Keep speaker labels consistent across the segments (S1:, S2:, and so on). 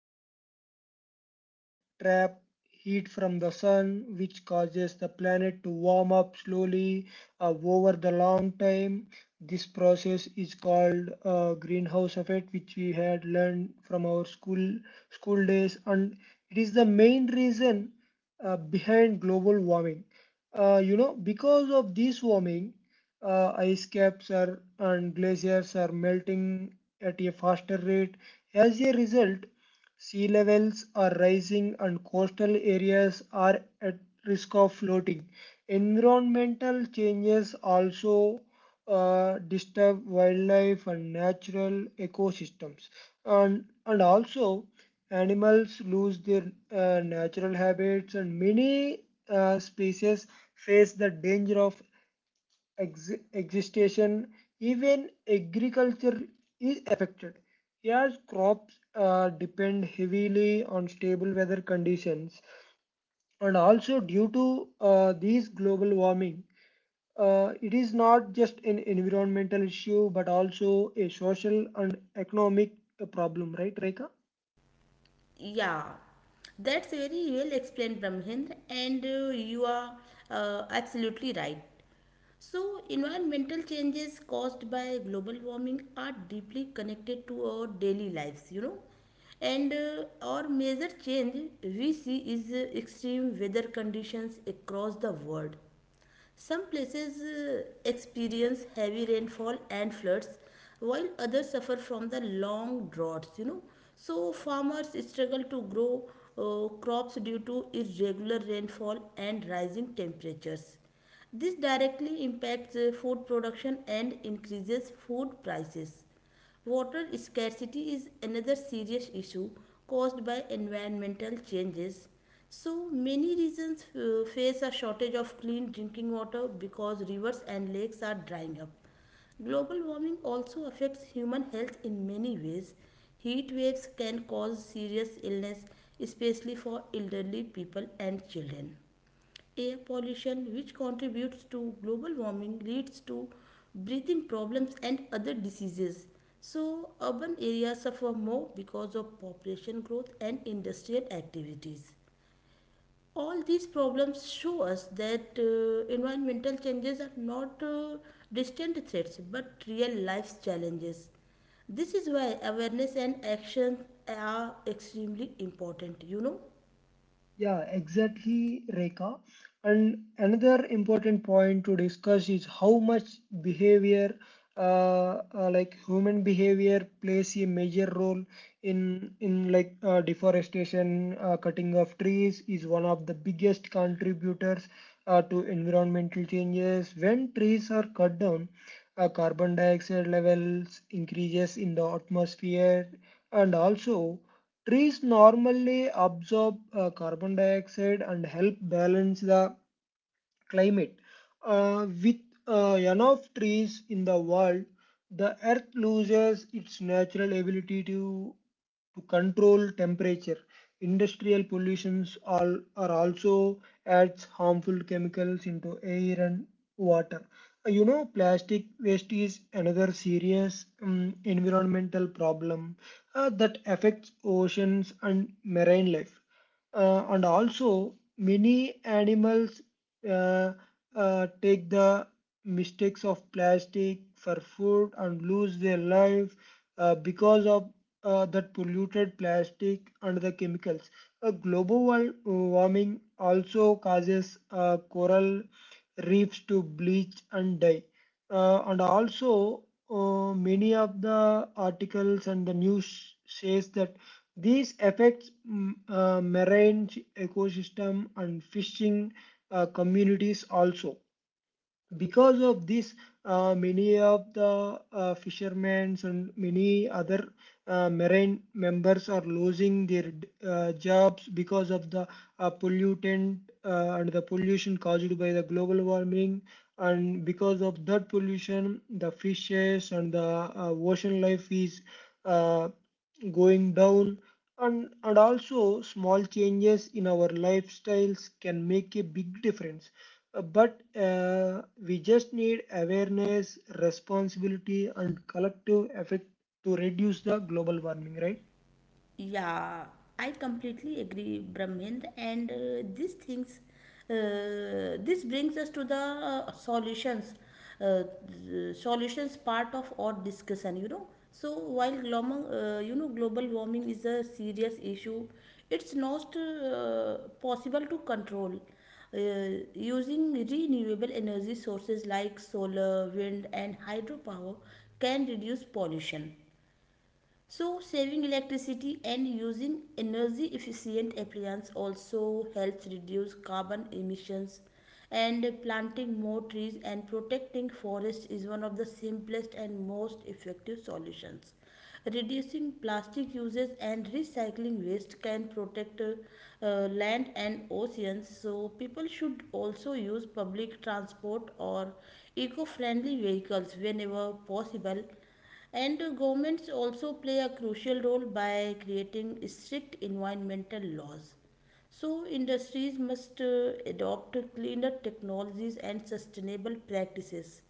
S1: these gases trap heat from the sun, which causes the planet to warm up slowly over the long time. This process is called greenhouse effect, which we had learned from our school days, and it is the main reason behind global warming. Because of this warming, ice caps and glaciers are melting at a faster rate. As a result, sea levels are rising and coastal areas are at risk of flooding. Environmental changes also disturb wildlife and natural ecosystems. And also, animals lose their natural habits, and many species face the danger of existence, even agriculture is affected. As crops depend heavily on stable weather conditions, and also due to these global warming, it is not just an environmental issue but also a social and economic problem, right, Reka?
S2: Yeah, that's very well explained, Brahmendra, and you are absolutely right. So, environmental changes caused by global warming are deeply connected to our daily lives, you know. And our major change we see is extreme weather conditions across the world, some places experience heavy rainfall and floods, while others suffer from the long droughts, you know. So, farmers struggle to grow crops due to irregular rainfall and rising temperatures. This directly impacts food production and increases food prices. Water scarcity is another serious issue caused by environmental changes. So, many regions face a shortage of clean drinking water because rivers and lakes are drying up. Global warming also affects human health in many ways. Heat waves can cause serious illness, especially for elderly people and children. Air pollution, which contributes to global warming, leads to breathing problems and other diseases. So, urban areas suffer more because of population growth and industrial activities. All these problems show us that environmental changes are not distant threats but real life challenges. This is why awareness and action are extremely important, you know.
S1: Yeah, exactly, Rekha. And another important point to discuss is how much behavior, like human behavior, plays a major role in deforestation. Cutting of trees is one of the biggest contributors to environmental changes. When trees are cut down, carbon dioxide levels increases in the atmosphere, and also. Trees normally absorb carbon dioxide and help balance the climate. With enough trees in the world, the earth loses its natural ability to control temperature. Industrial pollutions all, are also adds harmful chemicals into air and water. Plastic waste is another serious environmental problem that affects oceans and marine life. And also, many animals uh, take the mistakes of plastic for food and lose their life because of that polluted plastic and the chemicals. Global warming also causes coral reefs to bleach and die. Uh, and also, Many of the articles and the news says that these affects marine ecosystem and fishing communities also because of this. Many of the fishermen and many other marine members are losing their jobs because of the pollutant and the pollution caused by the global warming, and because of that pollution the fishes and the ocean life is uh, going down. And also, small changes in our lifestyles can make a big difference. But we just need awareness, responsibility, and collective effort to reduce the global warming, right?
S2: Yeah, I completely agree, Brahmendra. And these things, this brings us to the solutions, uh, the solutions part of our discussion. You know, so while global warming is a serious issue, it's not possible to control. Using renewable energy sources like solar, wind, and hydropower can reduce pollution, so saving electricity and using energy efficient appliances also helps reduce carbon emissions, and planting more trees and protecting forests is one of the simplest and most effective solutions. Reducing plastic uses and recycling waste can protect land and oceans, so people should also use public transport or eco friendly vehicles whenever possible, and governments also play a crucial role by creating strict environmental laws. So, industries must adopt cleaner technologies and sustainable practices,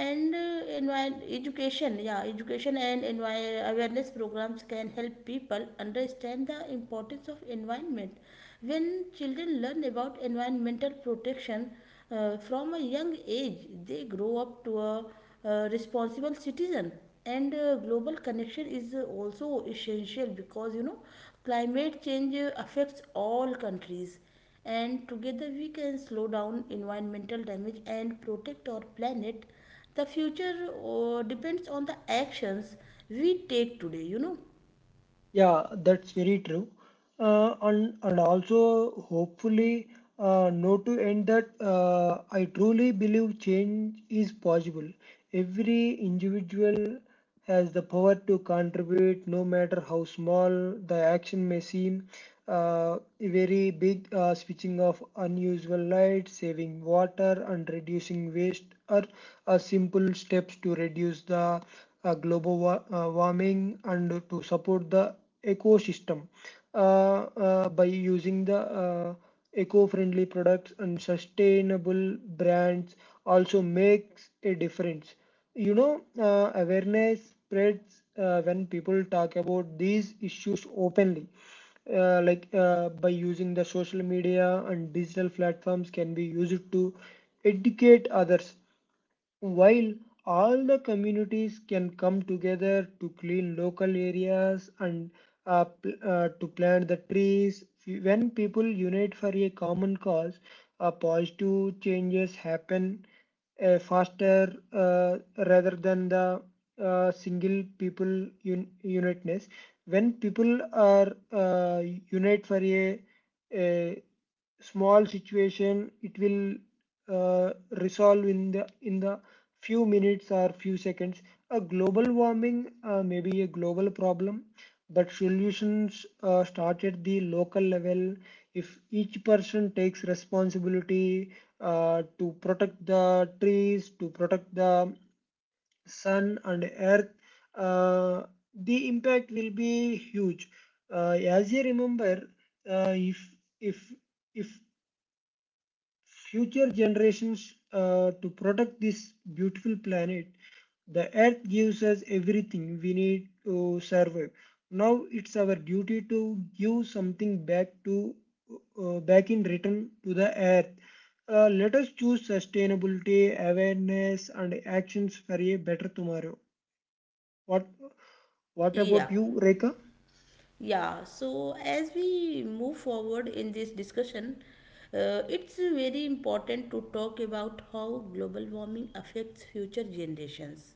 S2: and education, yeah, education and awareness programs can help people understand the importance of environment. When children learn about environmental protection from a young age, they grow up to a responsible citizen. And global connection is also essential because, you know, climate change affects all countries, and together we can slow down environmental damage and protect our planet. The future depends on the actions we take today, you know.
S1: Yeah, that's very true. And also hopefully know to end that I truly believe change is possible. Every individual has the power to contribute, no matter how small the action may seem. Very big Switching off unusual light, saving water, and reducing waste are simple steps to reduce the warming and to support the ecosystem by using the eco-friendly products and sustainable brands also makes a difference. Awareness spreads when people talk about these issues openly. By using the social media and digital platforms can be used to educate others, while all the communities can come together to clean local areas and to plant the trees. When people unite for a common cause, positive changes happen faster, rather than the single people uniteness. When people are unite for a small situation, it will uh, resolve in the few minutes or few seconds. A global warming may be a global problem, but solutions start at the local level. If each person takes responsibility to protect the trees, to protect the sun and earth, uh, the impact will be huge. Uh, as you remember uh, if if if future generations to protect this beautiful planet. The earth gives us everything we need to survive. Now it's our duty to give something back to back in return to the earth. Let us choose sustainability, awareness, and actions for a better tomorrow. What What about
S2: Yeah,
S1: you, Rekha?
S2: yeah, so as we move forward in this discussion, it's very important to talk about how global warming affects future generations.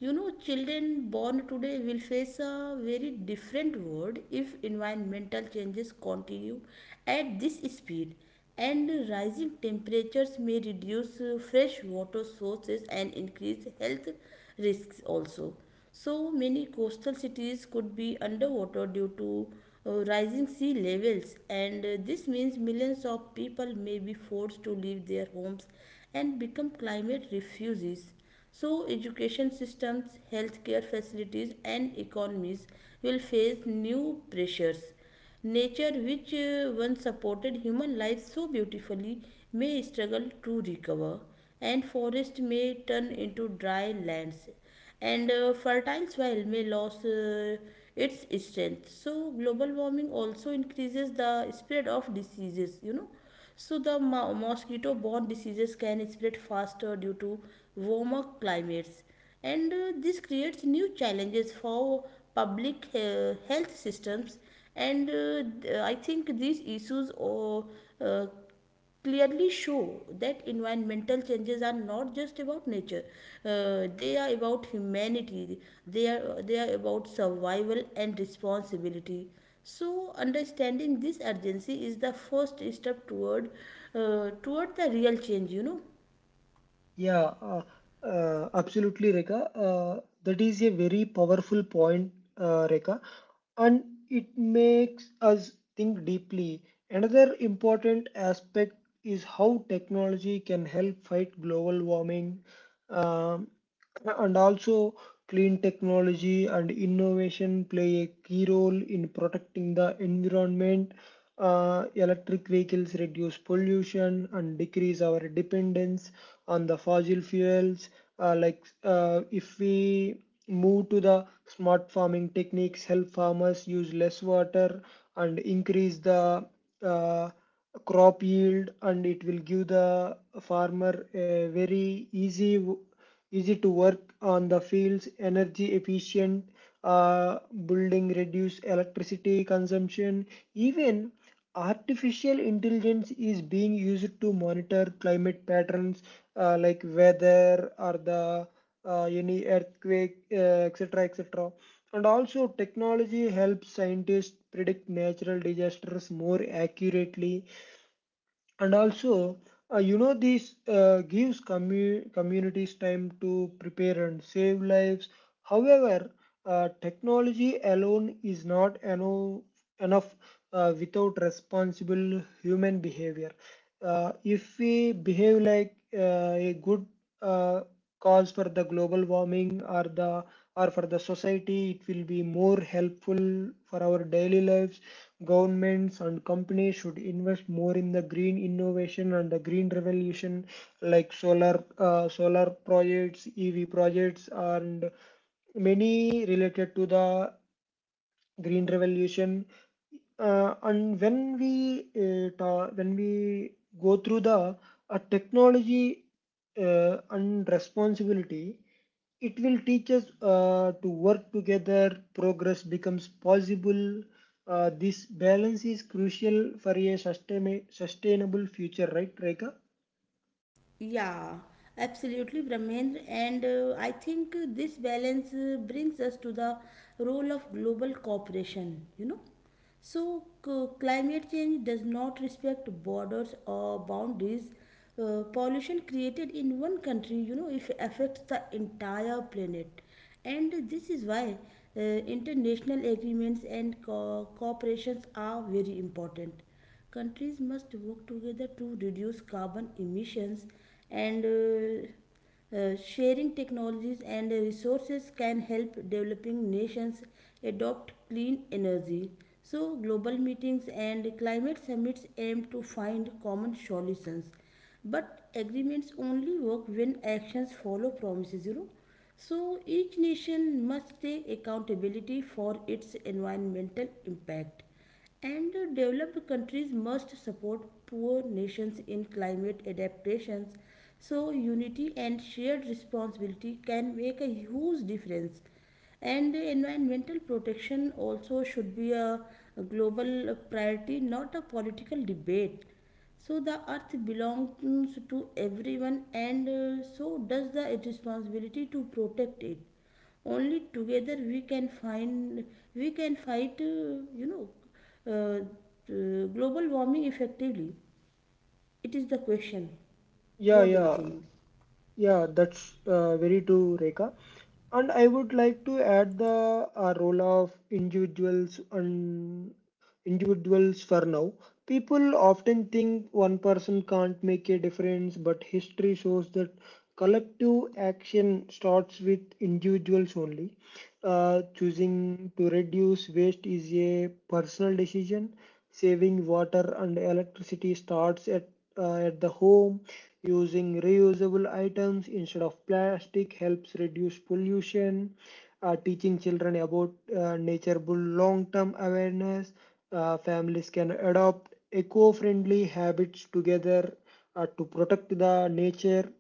S2: You know, children born today will face a very different world if environmental changes continue at this speed, and rising temperatures may reduce fresh water sources and increase health risks also. So many coastal cities could be underwater due to rising sea levels, and this means millions of people may be forced to leave their homes and become climate refugees. So, education systems, healthcare facilities, and economies will face new pressures. Nature, which once supported human life so beautifully, may struggle to recover, and forest may turn into dry lands, and fertile soil may lose its strength. So global warming also increases the spread of diseases, you know. So the mosquito borne diseases can spread faster due to warmer climates, and this creates new challenges for public health systems. And I think these issues uh, clearly show that environmental changes are not just about nature, they are about humanity, they are about survival and responsibility. So understanding this urgency is the first step toward toward the real change, you know.
S1: Yeah, absolutely, Rekha. That is a very powerful point, Rekha. And it makes us think deeply. Another important aspect is how technology can help fight global warming. Um, and also, Clean technology and innovation play a key role in protecting the environment. Electric vehicles reduce pollution and decrease our dependence on the fossil fuels. If we move to the smart farming techniques, help farmers use less water and increase the uh, crop yield, and it will give the farmer a very easy to work on the fields. Energy efficient uh, building, reduce electricity consumption. Even artificial intelligence is being used to monitor climate patterns, like weather or the any earthquake, etc., etc. And also, technology helps scientists predict natural disasters more accurately, and also this gives communities time to prepare and save lives. However, technology alone is not enough without responsible human behavior. If we behave like a good uh, cause for the global warming, or the or for the society, it will be more helpful for our daily lives. Governments and companies should invest more in the green innovation and the green revolution, like solar solar projects and many related to the green revolution. And when we go through the technology and responsibility, it will teach us to work together. Progress becomes possible. This balance is crucial for a sustainable future, right, Reka?
S2: Yeah, absolutely, Brahmendra. And I think this balance brings us to the role of global cooperation, you know. So, climate change does not respect borders or boundaries. Pollution created in one country, you know, if affects the entire planet. And this is why international agreements and cooperations are very important. Countries must work together to reduce carbon emissions, and sharing technologies and resources can help developing nations adopt clean energy. So, global meetings and climate summits aim to find common solutions. But agreements only work when actions follow promises, you know. So, each nation must take accountability for its environmental impact. And developed countries must support poor nations in climate adaptations. So, unity and shared responsibility can make a huge difference. And environmental protection also should be a global priority, not a political debate. So, the earth belongs to everyone, and so does the responsibility to protect it. Only together we can fight uh, global warming effectively. It is the question, what do you
S1: Yeah.
S2: think?
S1: Yeah, that's very true, Rekha. And I would like to add the role of individuals and individuals for now. People often think one person can't make a difference, but history shows that collective action starts with individuals only. Choosing to reduce waste is a personal decision. Saving water and electricity starts at the home. Using reusable items instead of plastic helps reduce pollution. Teaching children about nature builds long-term awareness. Families can adopt eco-friendly habits together to protect the nature.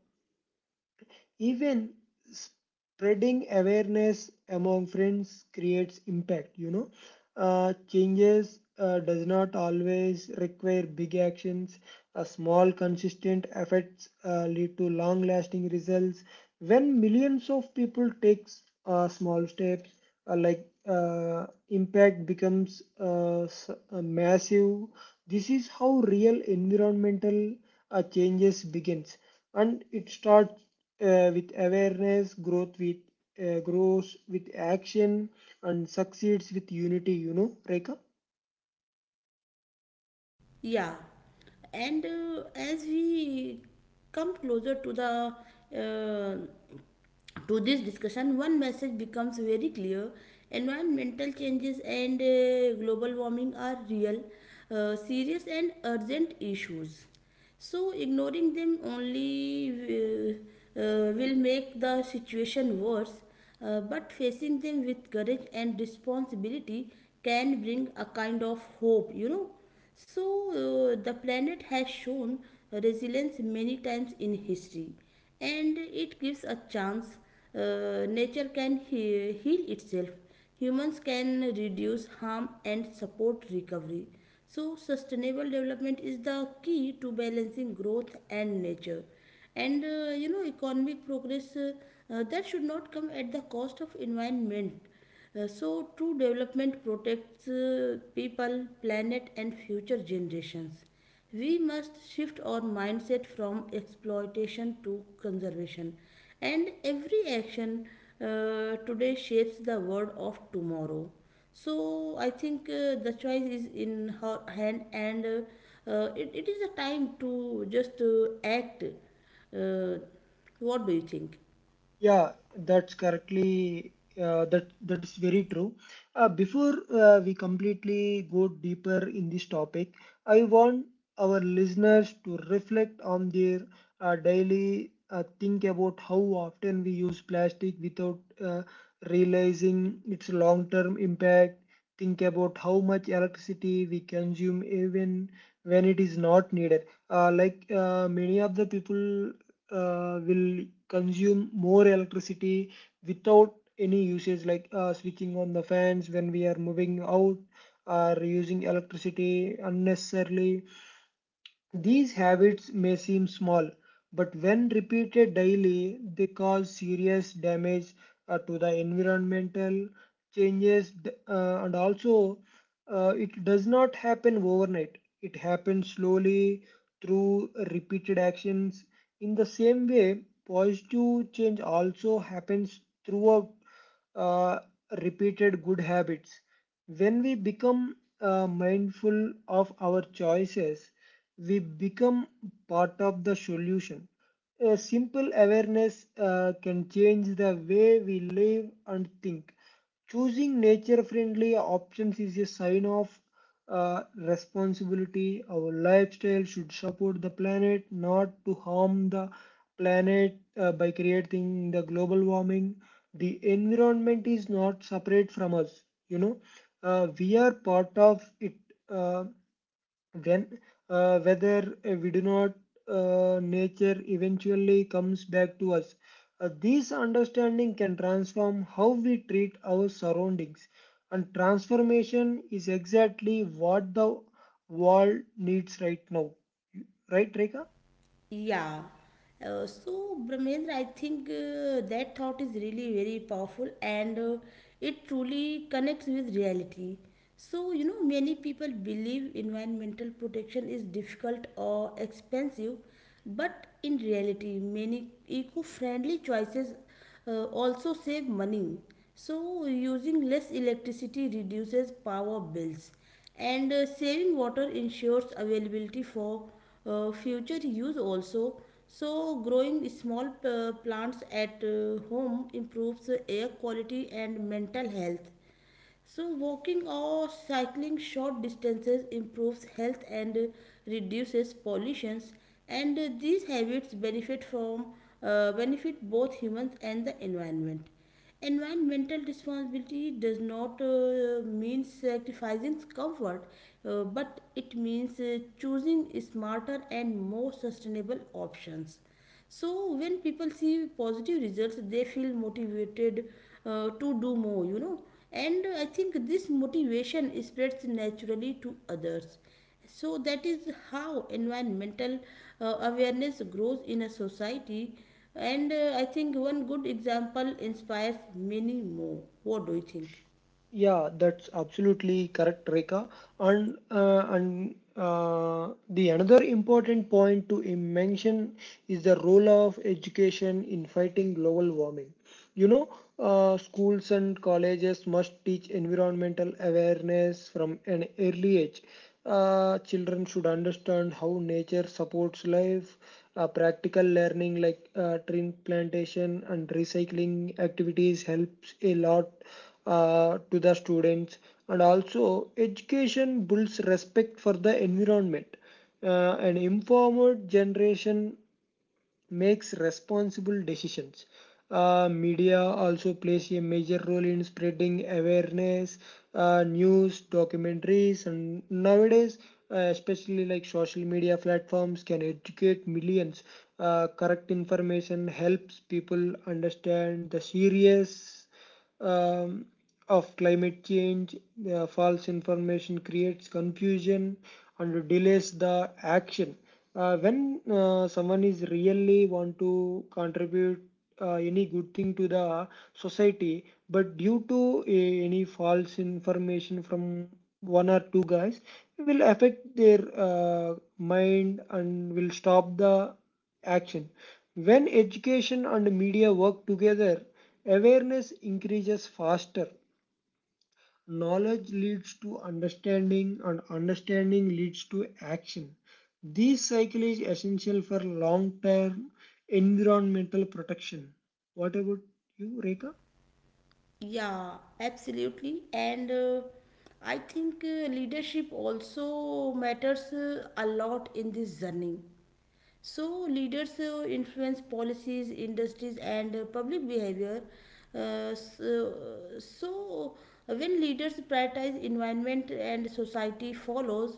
S1: Even spreading awareness among friends creates impact, you know. Changes does not always require big actions. A small consistent efforts lead to long lasting results. When millions of people take small steps, impact becomes massive. This is how real environmental a changes begins, and it starts with awareness growth, with grows with action, and succeeds with unity, you know, Rekha.
S2: Yeah, and as we come closer to the uh, to this discussion, one message becomes very clear. Environmental changes and global warming are real, serious and urgent issues. So, ignoring them only will make the situation worse, but facing them with courage and responsibility can bring a kind of hope, you know. So, the planet has shown resilience many times in history, and it gives a chance. Nature can heal itself, humans can reduce harm and support recovery. So, sustainable development is the key to balancing growth and nature. And you know, economic progress that should not come at the cost of environment. So, true development protects people, planet, and future generations. We must shift our mindset from exploitation to conservation, and every action today shapes the world of tomorrow. So I think the choice is in her hand, and it is a time to just act. Uh, what do you think?
S1: Yeah, that's correctly. That is very true. Before we completely go deeper in this topic, I want our listeners to reflect on their daily, think about how often we use plastic without uh, realizing its long-term impact. Think about how much electricity we consume even when it is not needed. Many of the people will consume more electricity without any usage, like switching on the fans when we are moving out, or using electricity unnecessarily. These habits may seem small, but when repeated daily, they cause serious damage to the environmental changes. And also It does not happen overnight. It happens slowly through repeated actions. In the same way, positive change also happens throughout uh, repeated good habits. When we become mindful of our choices, we become part of the solution. A simple awareness can change the way we live and think. Choosing nature friendly options is a sign of responsibility. Our lifestyle should support the planet, not to harm the planet by creating the global warming. The environment is not separate from us, you know, we are part of it. Uh, when whether We do not nature eventually comes back to us. This understanding can transform how we treat our surroundings, and transformation is exactly what the world needs right now, right, Reka?
S2: Yeah. So, Brahmendra, I think that thought is really very powerful and it truly connects with reality. So, you know, many people believe environmental protection is difficult or expensive, but in reality, many eco friendly choices also save money. So using less electricity reduces power bills, and saving water ensures availability for future use also. So growing small plants at home improves air quality and mental health. So, walking or cycling short distances improves health and reduces pollutions, and these habits benefit both humans and the environment. Environmental responsibility does not mean sacrificing comfort, but it means choosing smarter and more sustainable options. So when people see positive results they feel motivated to do more, you know. And I think this motivation spreads naturally to others. So that is how environmental awareness grows in a society. And I think one good example inspires many more. What do you think?
S1: Yeah, that's absolutely correct, Rekha. And the another important point to mention is the role of education in fighting global warming. You know, Schools and colleges must teach environmental awareness from an early age. Children should understand how nature supports life. Practical learning like tree plantation and recycling activities helps a lot to the students. And also education builds respect for the environment. An informed generation makes responsible decisions. Media also plays a major role in spreading awareness. News, documentaries, and nowadays, especially like social media platforms, can educate millions. Correct information helps people understand the serious um, of climate change. The false information creates confusion and delays the action. When someone is really want to contribute any good thing to the society, but due to a, any false information from one or two guys, will affect their mind and will stop the action. When education and media work together, awareness increases faster. Knowledge leads to understanding, and understanding leads to action. This cycle is essential for long term environmental protection. What about you, Rekha?
S2: Yeah, absolutely, and I think leadership also matters a lot in this journey. So, leaders influence policies, industries, and public behavior. So when leaders prioritize environment and society follows.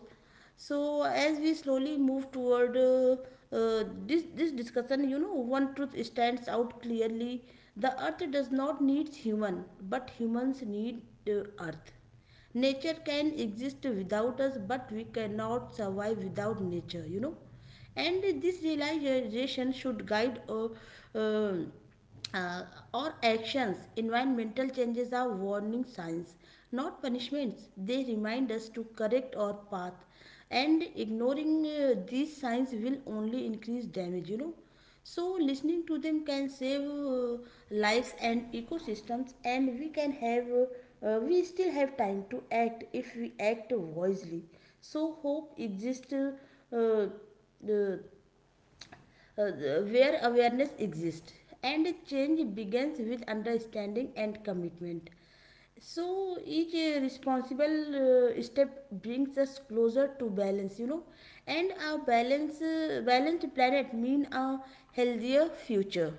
S2: So, as we slowly move toward this discussion, you know, one truth stands out clearly: the earth does not need human, but humans need the earth. Nature can exist without us, but we cannot survive without nature, you know. And this realization should guide uh, uh, our actions. Environmental changes are warning signs, not punishments. They remind us to correct our path, and ignoring these signs will only increase damage, you know. So listening to them can save lives and ecosystems, and we still have time to act if we act wisely. So hope exists uh, uh, uh, where awareness exists, and change begins with understanding and commitment. So each responsible step brings us closer to balance, you know. And a balanced planet mean a healthier future.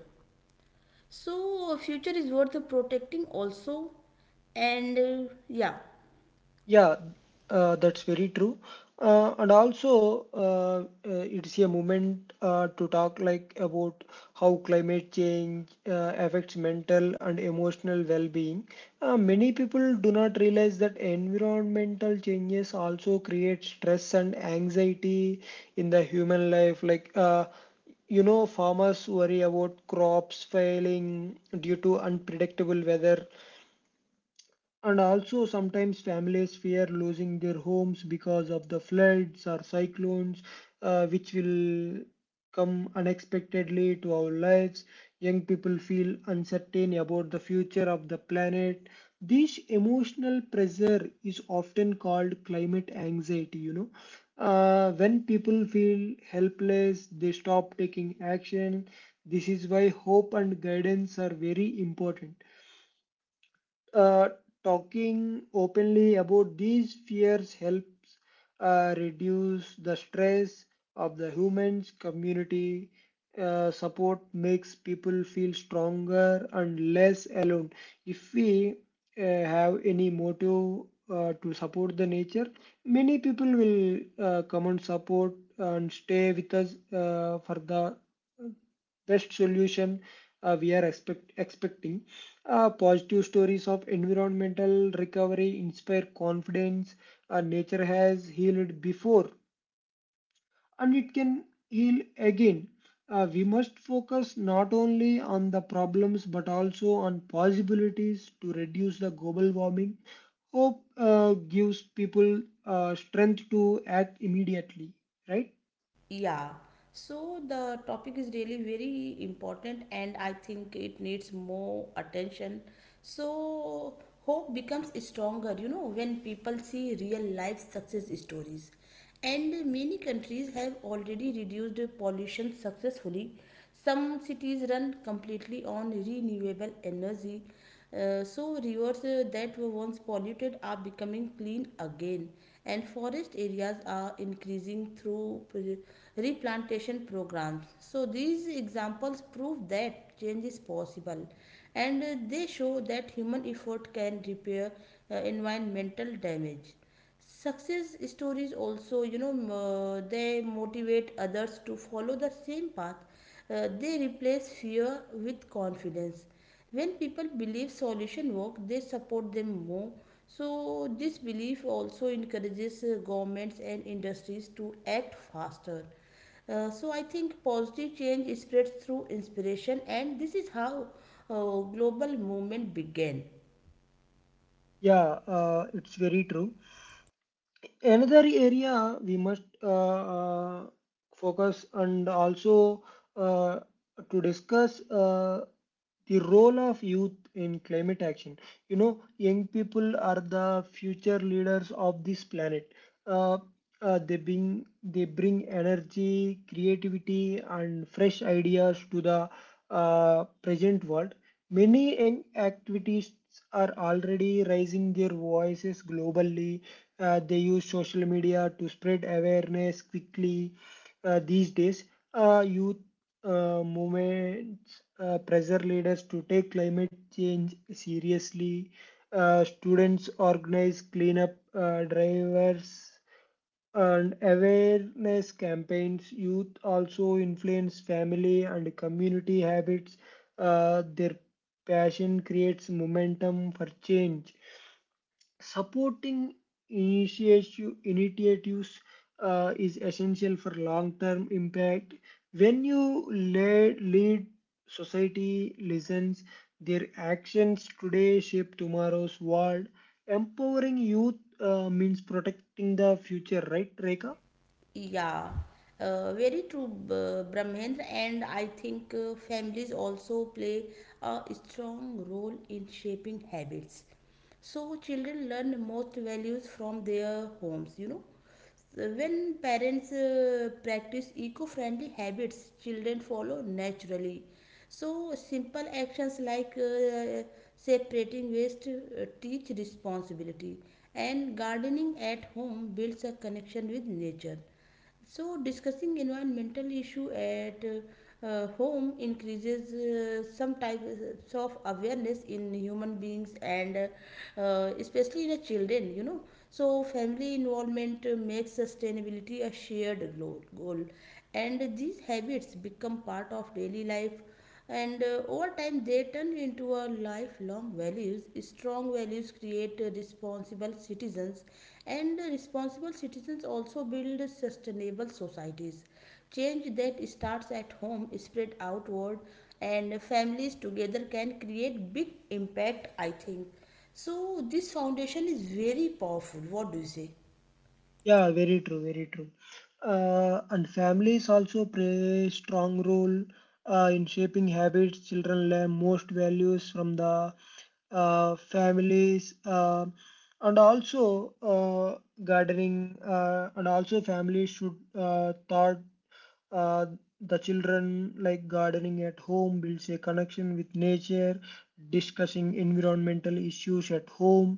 S2: So a future is worth protecting also. And yeah
S1: Yeah, that's very true. And also, it's a moment to talk like about how climate change affects mental and emotional well-being. Many people do not realize that environmental changes also create stress and anxiety in the human life. Like, you know, farmers worry about crops failing due to unpredictable weather. And also, sometimes families fear losing their homes because of the floods or cyclones, which will come unexpectedly to our lives. Young people feel uncertain about the future of the planet. This emotional pressure is often called climate anxiety, you know. When people feel helpless, they stop taking action. This is why hope and guidance are very important. uh, Talking openly about these fears helps reduce the stress of the humans community. Support makes people feel stronger and less alone. If we have any motive to support the nature, many people will come and support and stay with us for the best solution we are expecting. Positive stories of environmental recovery inspire confidence. Nature has healed before and it can heal again. We must focus not only on the problems but also on possibilities to reduce the global warming. Hope gives people strength to act immediately, right?
S2: Yeah, so the topic is really very important, and I think it needs more attention. So, hope becomes stronger, you know, when people see real life success stories. And many countries have already reduced pollution successfully. Some cities run completely on renewable energy. So rivers that were once polluted are becoming clean again, and forest areas are increasing through replantation programs. So these examples prove that change is possible, and they show that human effort can repair environmental damage. Success stories also, you know, they motivate others to follow the same path. They replace fear with confidence. When people believe solution work, they support them more. So this belief also encourages governments and industries to act faster. So I think positive change spreads through inspiration, and this is how global movement began.
S1: Yeah, it's very true. Another area we must focus and also uh, to discuss the role of youth in climate action. You know, young people are the future leaders of this planet. Uh, uh, they bring they bring energy, creativity and fresh ideas to the present world. Many young activities are already raising their voices globally. They use social media to spread awareness quickly. These days, youth movements pressure leaders to take climate change seriously. Students organize cleanup drivers and awareness campaigns. Youth also influence family and community habits. Their passion creates momentum for change. Supporting initiatives is essential for long-term impact. When lead, society listens. Their actions today shape tomorrow's world. Empowering youth means protecting the future, right, Rekha?
S2: Yeah, very true, Brahmendra. And I think families also play a strong role in shaping habits. So children learn most values from their homes, you know. So when parents practice eco-friendly habits, children follow naturally. So simple actions like separating waste teach responsibility, and gardening at home builds a connection with nature. So, discussing environmental issue at home increases some types of awareness in human beings, and especially in the children. You know, so family involvement makes sustainability a shared goal, and these habits become part of daily life, and over time they turn into a lifelong values. Strong values create responsible citizens, and responsible citizens also build sustainable societies. Change that starts at home is spread outward, and families together can create big impact, I think. So this foundation is very powerful. What do you say?
S1: Yeah, very true, very true. And families also play a strong role in shaping habits. Children learn most values from the families, and also uh, gardening. And also, families should thought uh, the children like gardening at home builds a connection with nature. Discussing environmental issues at home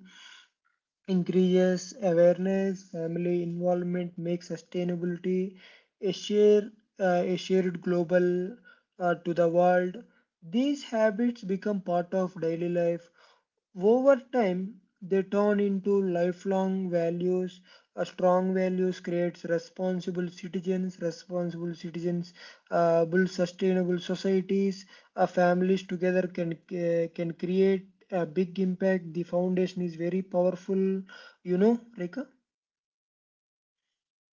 S1: increases awareness, family involvement, makes sustainability a shared, a shared global to the world. These habits become part of daily life. Over time, they turn into lifelong values. A strong values creates responsible citizens. Responsible citizens build sustainable societies. Families together can create a big impact. The foundation is very powerful. You know, Rekha.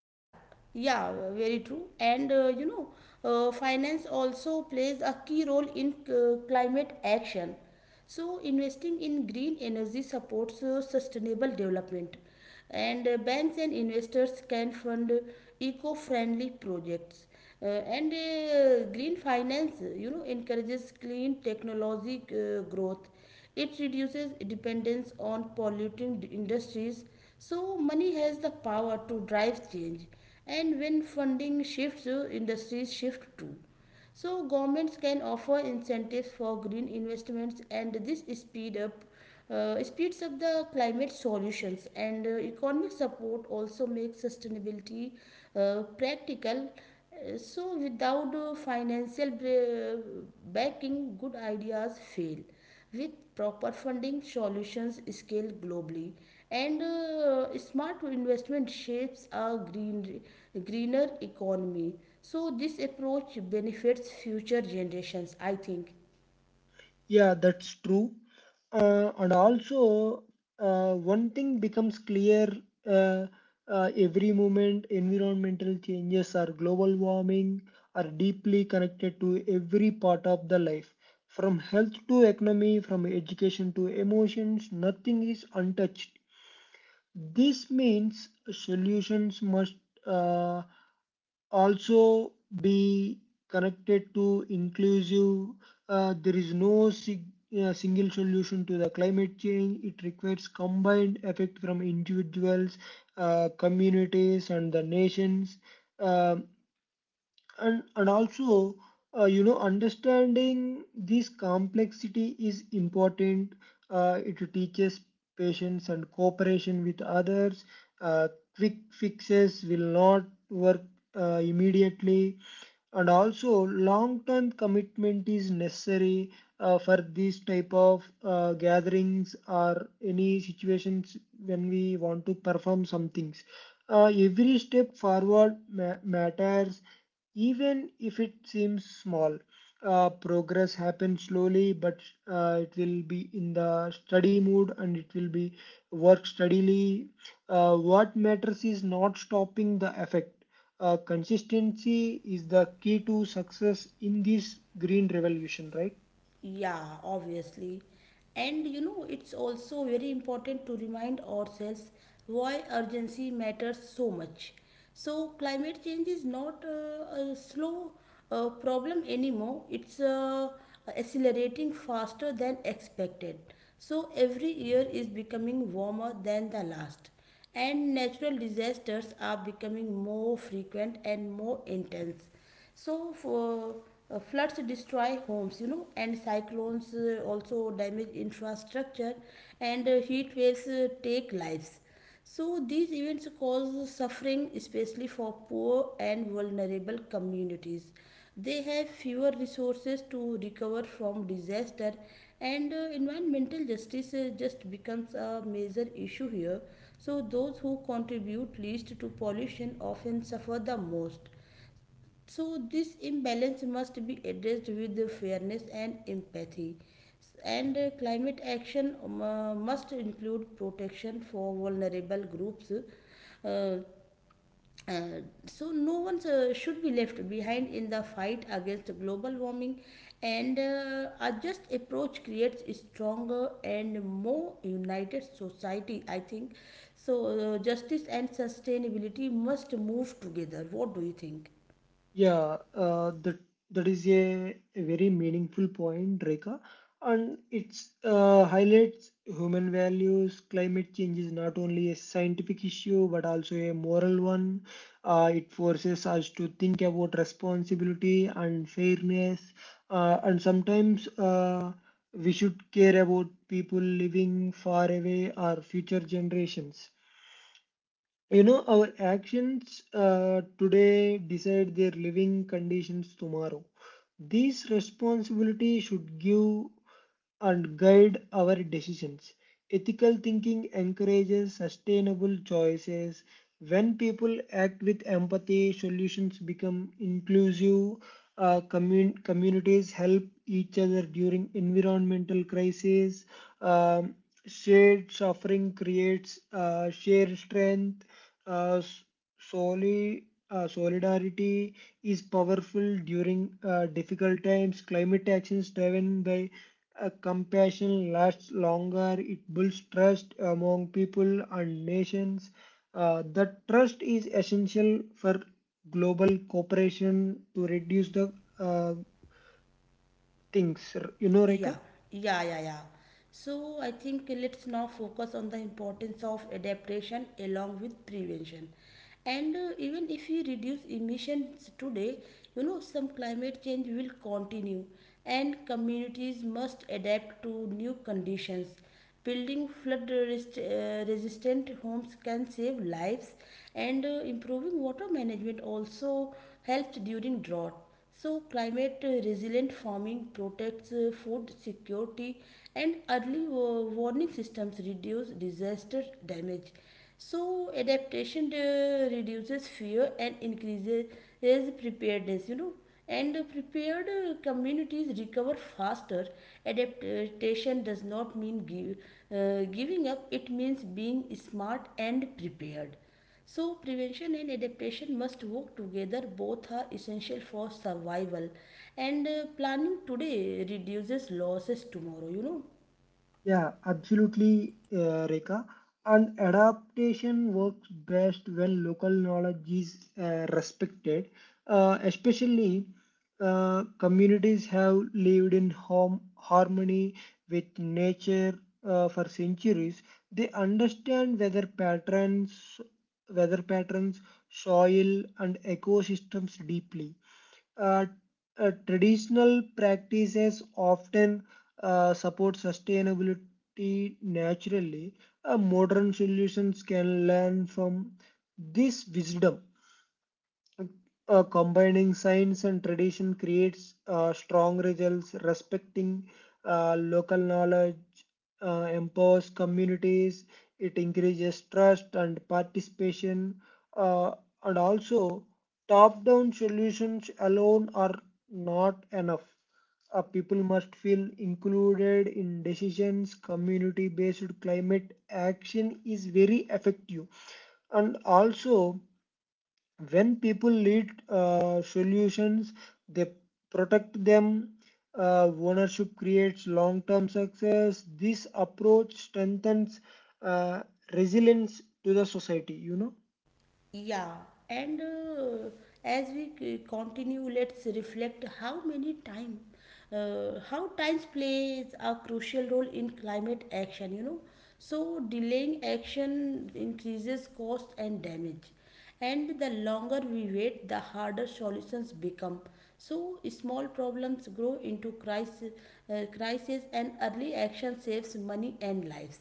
S2: Yeah, yeah, very true. And you know, finance also plays a key role in climate action. So, investing in green energy supports sustainable development, and banks and investors can fund eco-friendly projects. And Green finance, you know, encourages clean technology growth. It reduces dependence on polluting industries, so money has the power to drive change. And when funding shifts, industries shift too. So governments can offer incentives for green investments, and this speeds up the climate solutions, and economic support also makes sustainability practical. So, without backing, good ideas fail. With proper funding, solutions scale globally, and smart investment shapes a greener economy. So, this approach benefits future generations, I think.
S1: Yeah, that's true. And also, one thing becomes clear. uh, every moment environmental changes or global warming are deeply connected to every part of the life. From health to economy, from education to emotions, nothing is untouched. This means solutions must uh, also be connected to inclusive. There is no single solution to the climate change. It requires combined effect from individuals, communities, and the nations. Um and also You know, understanding this complexity is important. It teaches patience and cooperation with others. uh, Quick fixes will not work immediately, and also long term commitment is necessary for these type of gatherings or any situations when we want to perform some things. Every step forward matters, even if it seems small. Progress happens slowly, but it will be in the study mood and it will be work steadily. What matters is not stopping the effect. Consistency is the key to success in this green revolution, right?
S2: Yeah, obviously. And you know, it's also very important to remind ourselves why urgency matters so much. So, climate change is not a slow problem anymore. It's accelerating faster than expected. So, every year is becoming warmer than the last, and natural disasters are becoming more frequent and more intense. So for floods destroy homes, you know, and cyclones also damage infrastructure, and heat waves take lives. So these events cause suffering, especially for poor and vulnerable communities. They have fewer resources to recover from disaster, and environmental justice just becomes a major issue here. So those who contribute least to pollution often suffer the most. So, this imbalance must be addressed with the fairness and empathy. And climate action must include protection for vulnerable groups. Uh, uh, so, no one should be left behind in the fight against global warming, and a just approach creates a stronger and more united society, I think. So, justice and sustainability must move together. What do you think?
S1: Yeah, that is a very meaningful point, Rekha, and it's highlights human values. Climate change is not only a scientific issue but also a moral one. It forces us to think about responsibility and fairness, and sometimes we should care about people living far away or future generations. You know, our actions today decide their living conditions tomorrow. These responsibilities should give and guide our decisions. Ethical thinking encourages sustainable choices. When people act with empathy, solutions become inclusive. Communities help each other during environmental crises. Um, Shared suffering creates shared strength. Uh, s- Soli, Solidarity is powerful during difficult times. Climate actions driven by compassion lasts longer. It builds trust among people and nations. That trust is essential for global cooperation to reduce the uh, things. You know,
S2: Yeah,
S1: Reka?
S2: yeah, yeah, yeah. So I think let's now focus on the importance of adaptation along with prevention. And even if we reduce emissions today, you know, some climate change will continue, and communities must adapt to new conditions. Building flood resistant homes can save lives, and improving water management also helps during drought. So, climate resilient farming protects food security, and early warning systems reduce disaster damage. So, adaptation reduces fear and increases preparedness, you know, and prepared communities recover faster. Adaptation does not mean giving up. It means being smart and prepared. So, prevention and adaptation must work together. Both are essential for survival. And planning today reduces losses tomorrow, you know.
S1: Yeah, absolutely, Rekha. And adaptation works best when local knowledge is respected, especially communities have lived in home harmony with nature for centuries. They understand weather patterns, soil, and ecosystems deeply. uh, Traditional practices often support sustainability naturally. Modern solutions can learn from this wisdom. Combining science and tradition creates strong results. Respecting local knowledge empowers communities. It encourages trust and participation, uh, and also top down solutions alone are not enough. People must feel included in decisions. Community based climate action is very effective, and also when people lead solutions, they protect them. Ownership creates long-term success. This approach strengthens uh, resilience to the society, you know.
S2: Yeah, and as we continue, let's reflect how times plays a crucial role in climate action. You know, so delaying action increases cost and damage, and the longer we wait, the harder solutions become. So small problems grow into crisis, and early action saves money and lives.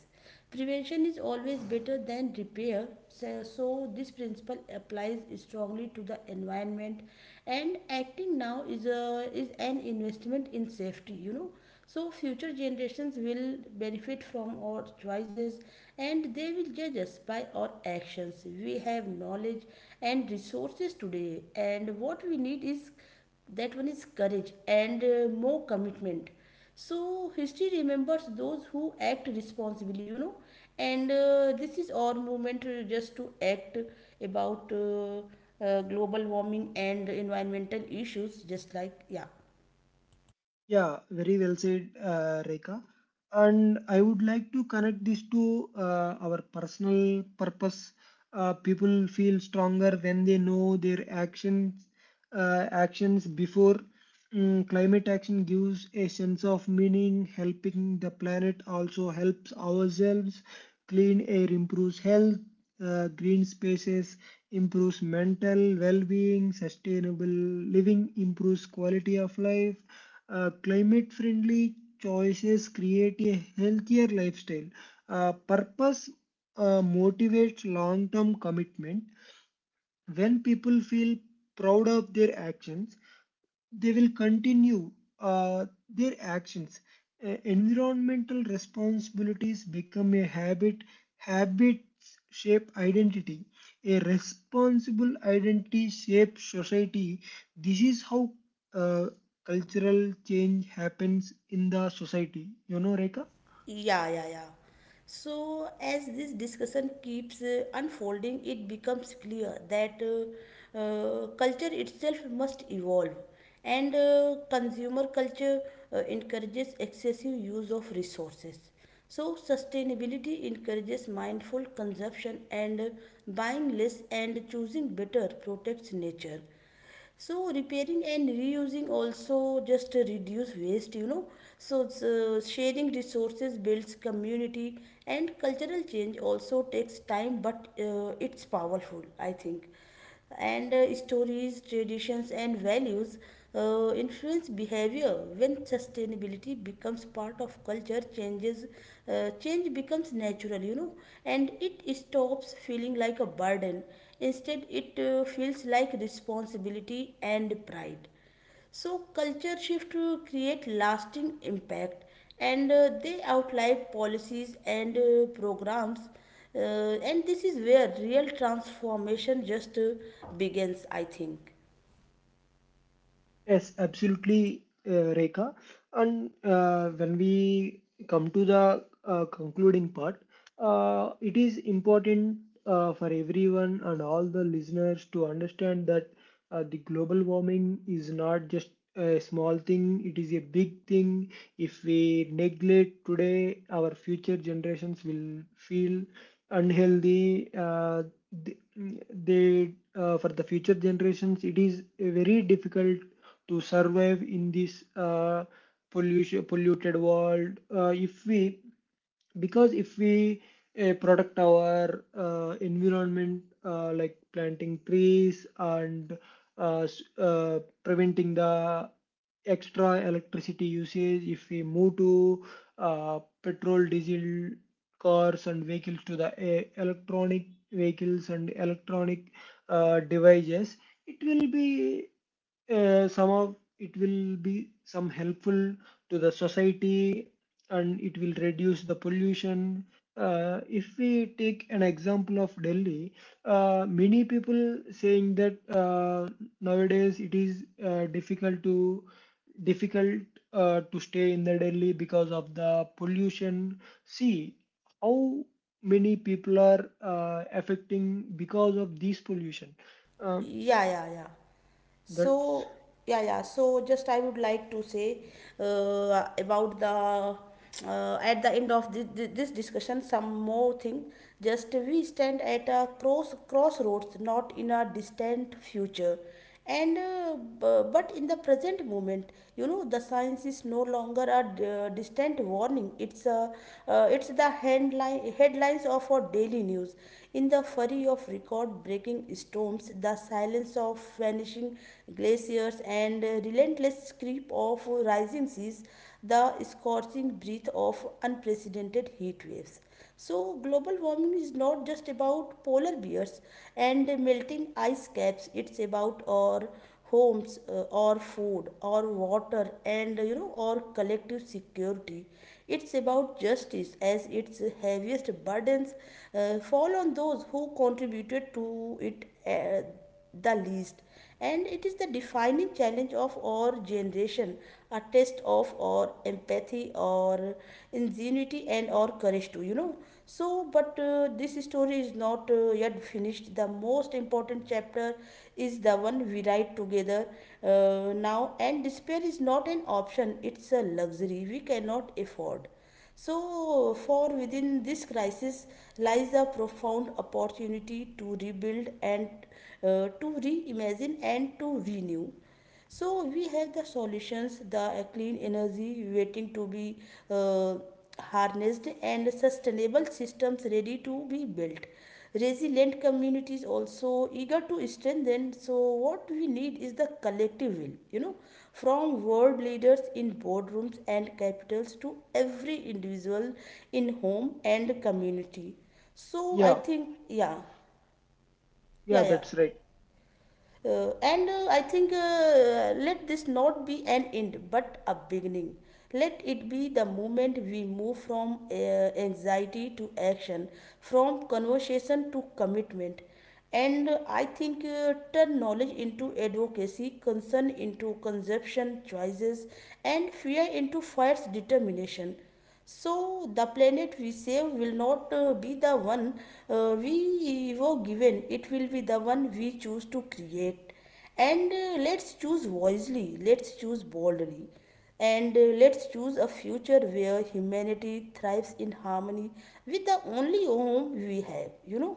S2: Prevention is always better than repair. So this principle applies strongly to the environment, and acting now is a is an investment in safety, you know. So, future generations will benefit from our choices, and they will judge us by our actions. We have knowledge and resources today, and what we need is that one is courage and more commitment. So, history remembers those who act responsibly, you know. And this is our movement just to act about global warming and environmental issues, just like, yeah.
S1: Yeah, very well said, Rekha. And I would like to connect this to our personal purpose. People feel stronger when they know their actions actions before. Mm, climate action gives a sense of meaning. Helping the planet also helps ourselves. Clean air improves health. Green spaces improves mental well-being. Sustainable living improves quality of life. Climate-friendly choices create a healthier lifestyle. Purpose motivates long-term commitment. When people feel proud of their actions, they will continue their actions. Environmental responsibilities become a habit. Habits shape identity. A responsible identity shapes society. This is how uh, cultural change happens in the society. You know, Rekha?
S2: Yeah, yeah, yeah. So, as this discussion keeps unfolding, it becomes clear that culture itself must evolve, and consumer culture encourages excessive use of resources. So, sustainability encourages mindful consumption, and buying less and choosing better protects nature. So repairing and reusing also just reduce waste, you know. So sharing resources builds community, and cultural change also takes time, but it's powerful, I think. And stories, traditions and values influence behavior. When sustainability becomes part of culture change becomes natural, you know, and it stops feeling like a burden. Instead, it feels like responsibility and pride. So culture shift to create lasting impact, and they outline policies and programs, uh, and this is where real transformation just begins, I think.
S1: Yes, absolutely, Rekha. And when we come to the concluding part, it is important for everyone and all the listeners to understand that the global warming is not just a small thing, it is a big thing. If we neglect today, our future generations will feel unhealthy. Th- they for the future generations, it is very difficult to survive in this polluted world. If we Because if we protect our environment like planting trees and preventing the extra electricity usage, if we move to petrol diesel cars and vehicles to the electronic vehicles and electronic devices, it will be some of it will be some helpful to the society, and it will reduce the pollution. If we take an example of Delhi, many people saying that nowadays it is difficult to stay in the Delhi because of the pollution. See how many people are affecting because of this pollution. Um,
S2: Yeah, yeah, yeah.
S1: that's
S2: So. Yeah, yeah, so just I would like to say about the at the end of this, this discussion, some more thing. Just we stand at a crossroads, not in a distant future, and but in the present moment, you know. The science is no longer a distant warning. It's a it's the headlines of our daily news, in the flurry of record breaking storms, the silence of vanishing glaciers, and relentless screep of rising seas, the scorching breath of unprecedented heat waves. So global warming is not just about polar bears and melting ice caps. It's about our homes, our food, our water, and you know, our collective security. It's about justice as its heaviest burdens fall on those who contributed to it the least, and it is the defining challenge of our generation, a test of our empathy, our ingenuity, and our courage too, you know. So, but this story is not yet finished. The most important chapter is the one we write together, now. And despair is not an option. It's a luxury we cannot afford. So, for within this crisis lies a profound opportunity to rebuild, and to reimagine, and to renew. So, we have the solutions, the clean energy waiting to be uh, harnessed, and sustainable systems ready to be built, resilient communities also eager to strengthen. So what we need is the collective will, you know, from world leaders in boardrooms and capitals to every individual in home and community. So I
S1: yeah,
S2: think, yeah.
S1: yeah,
S2: Yeah, yeah.
S1: that's right.
S2: And I think let this not be an end but a beginning. Let it be the moment we move from anxiety to action, from conversation to commitment. And I think turn knowledge into advocacy, concern into consumption choices, and fear into fierce determination. So the planet we save will not be the one we were given. It will be the one we choose to create. And let's choose wisely. Let's choose boldly. And let's choose a future where humanity thrives in harmony with the only home we have. You know?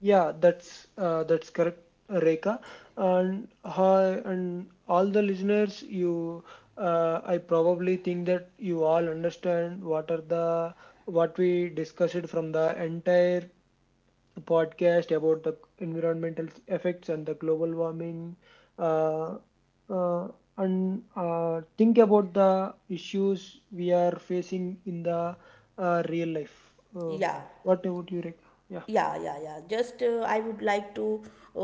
S1: Yeah, that's correct, Rekha. And hi, and all the listeners, you, I probably think that you all understand what we discussed from the entire podcast about the environmental effects and the global warming, uh, uh, and think about the issues we are facing in the real life.
S2: Yeah.
S1: What about you, Rekha? Yeah,
S2: Yeah, yeah, yeah, just I would like to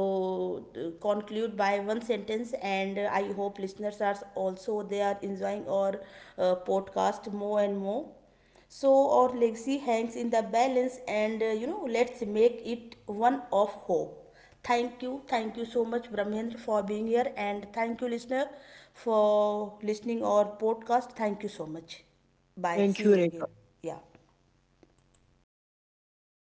S2: uh, conclude by one sentence. And I hope listeners are also they are enjoying our podcast more and more. So our legacy hangs in the balance, and you know, let's make it one of hope. Thank you. Thank you so much, Brahmendra, for being here. And thank you, listener, for listening our podcast. Thank you so much. Bye.
S1: thank
S2: See
S1: you,
S2: you
S1: Rekha.
S2: again. Yeah.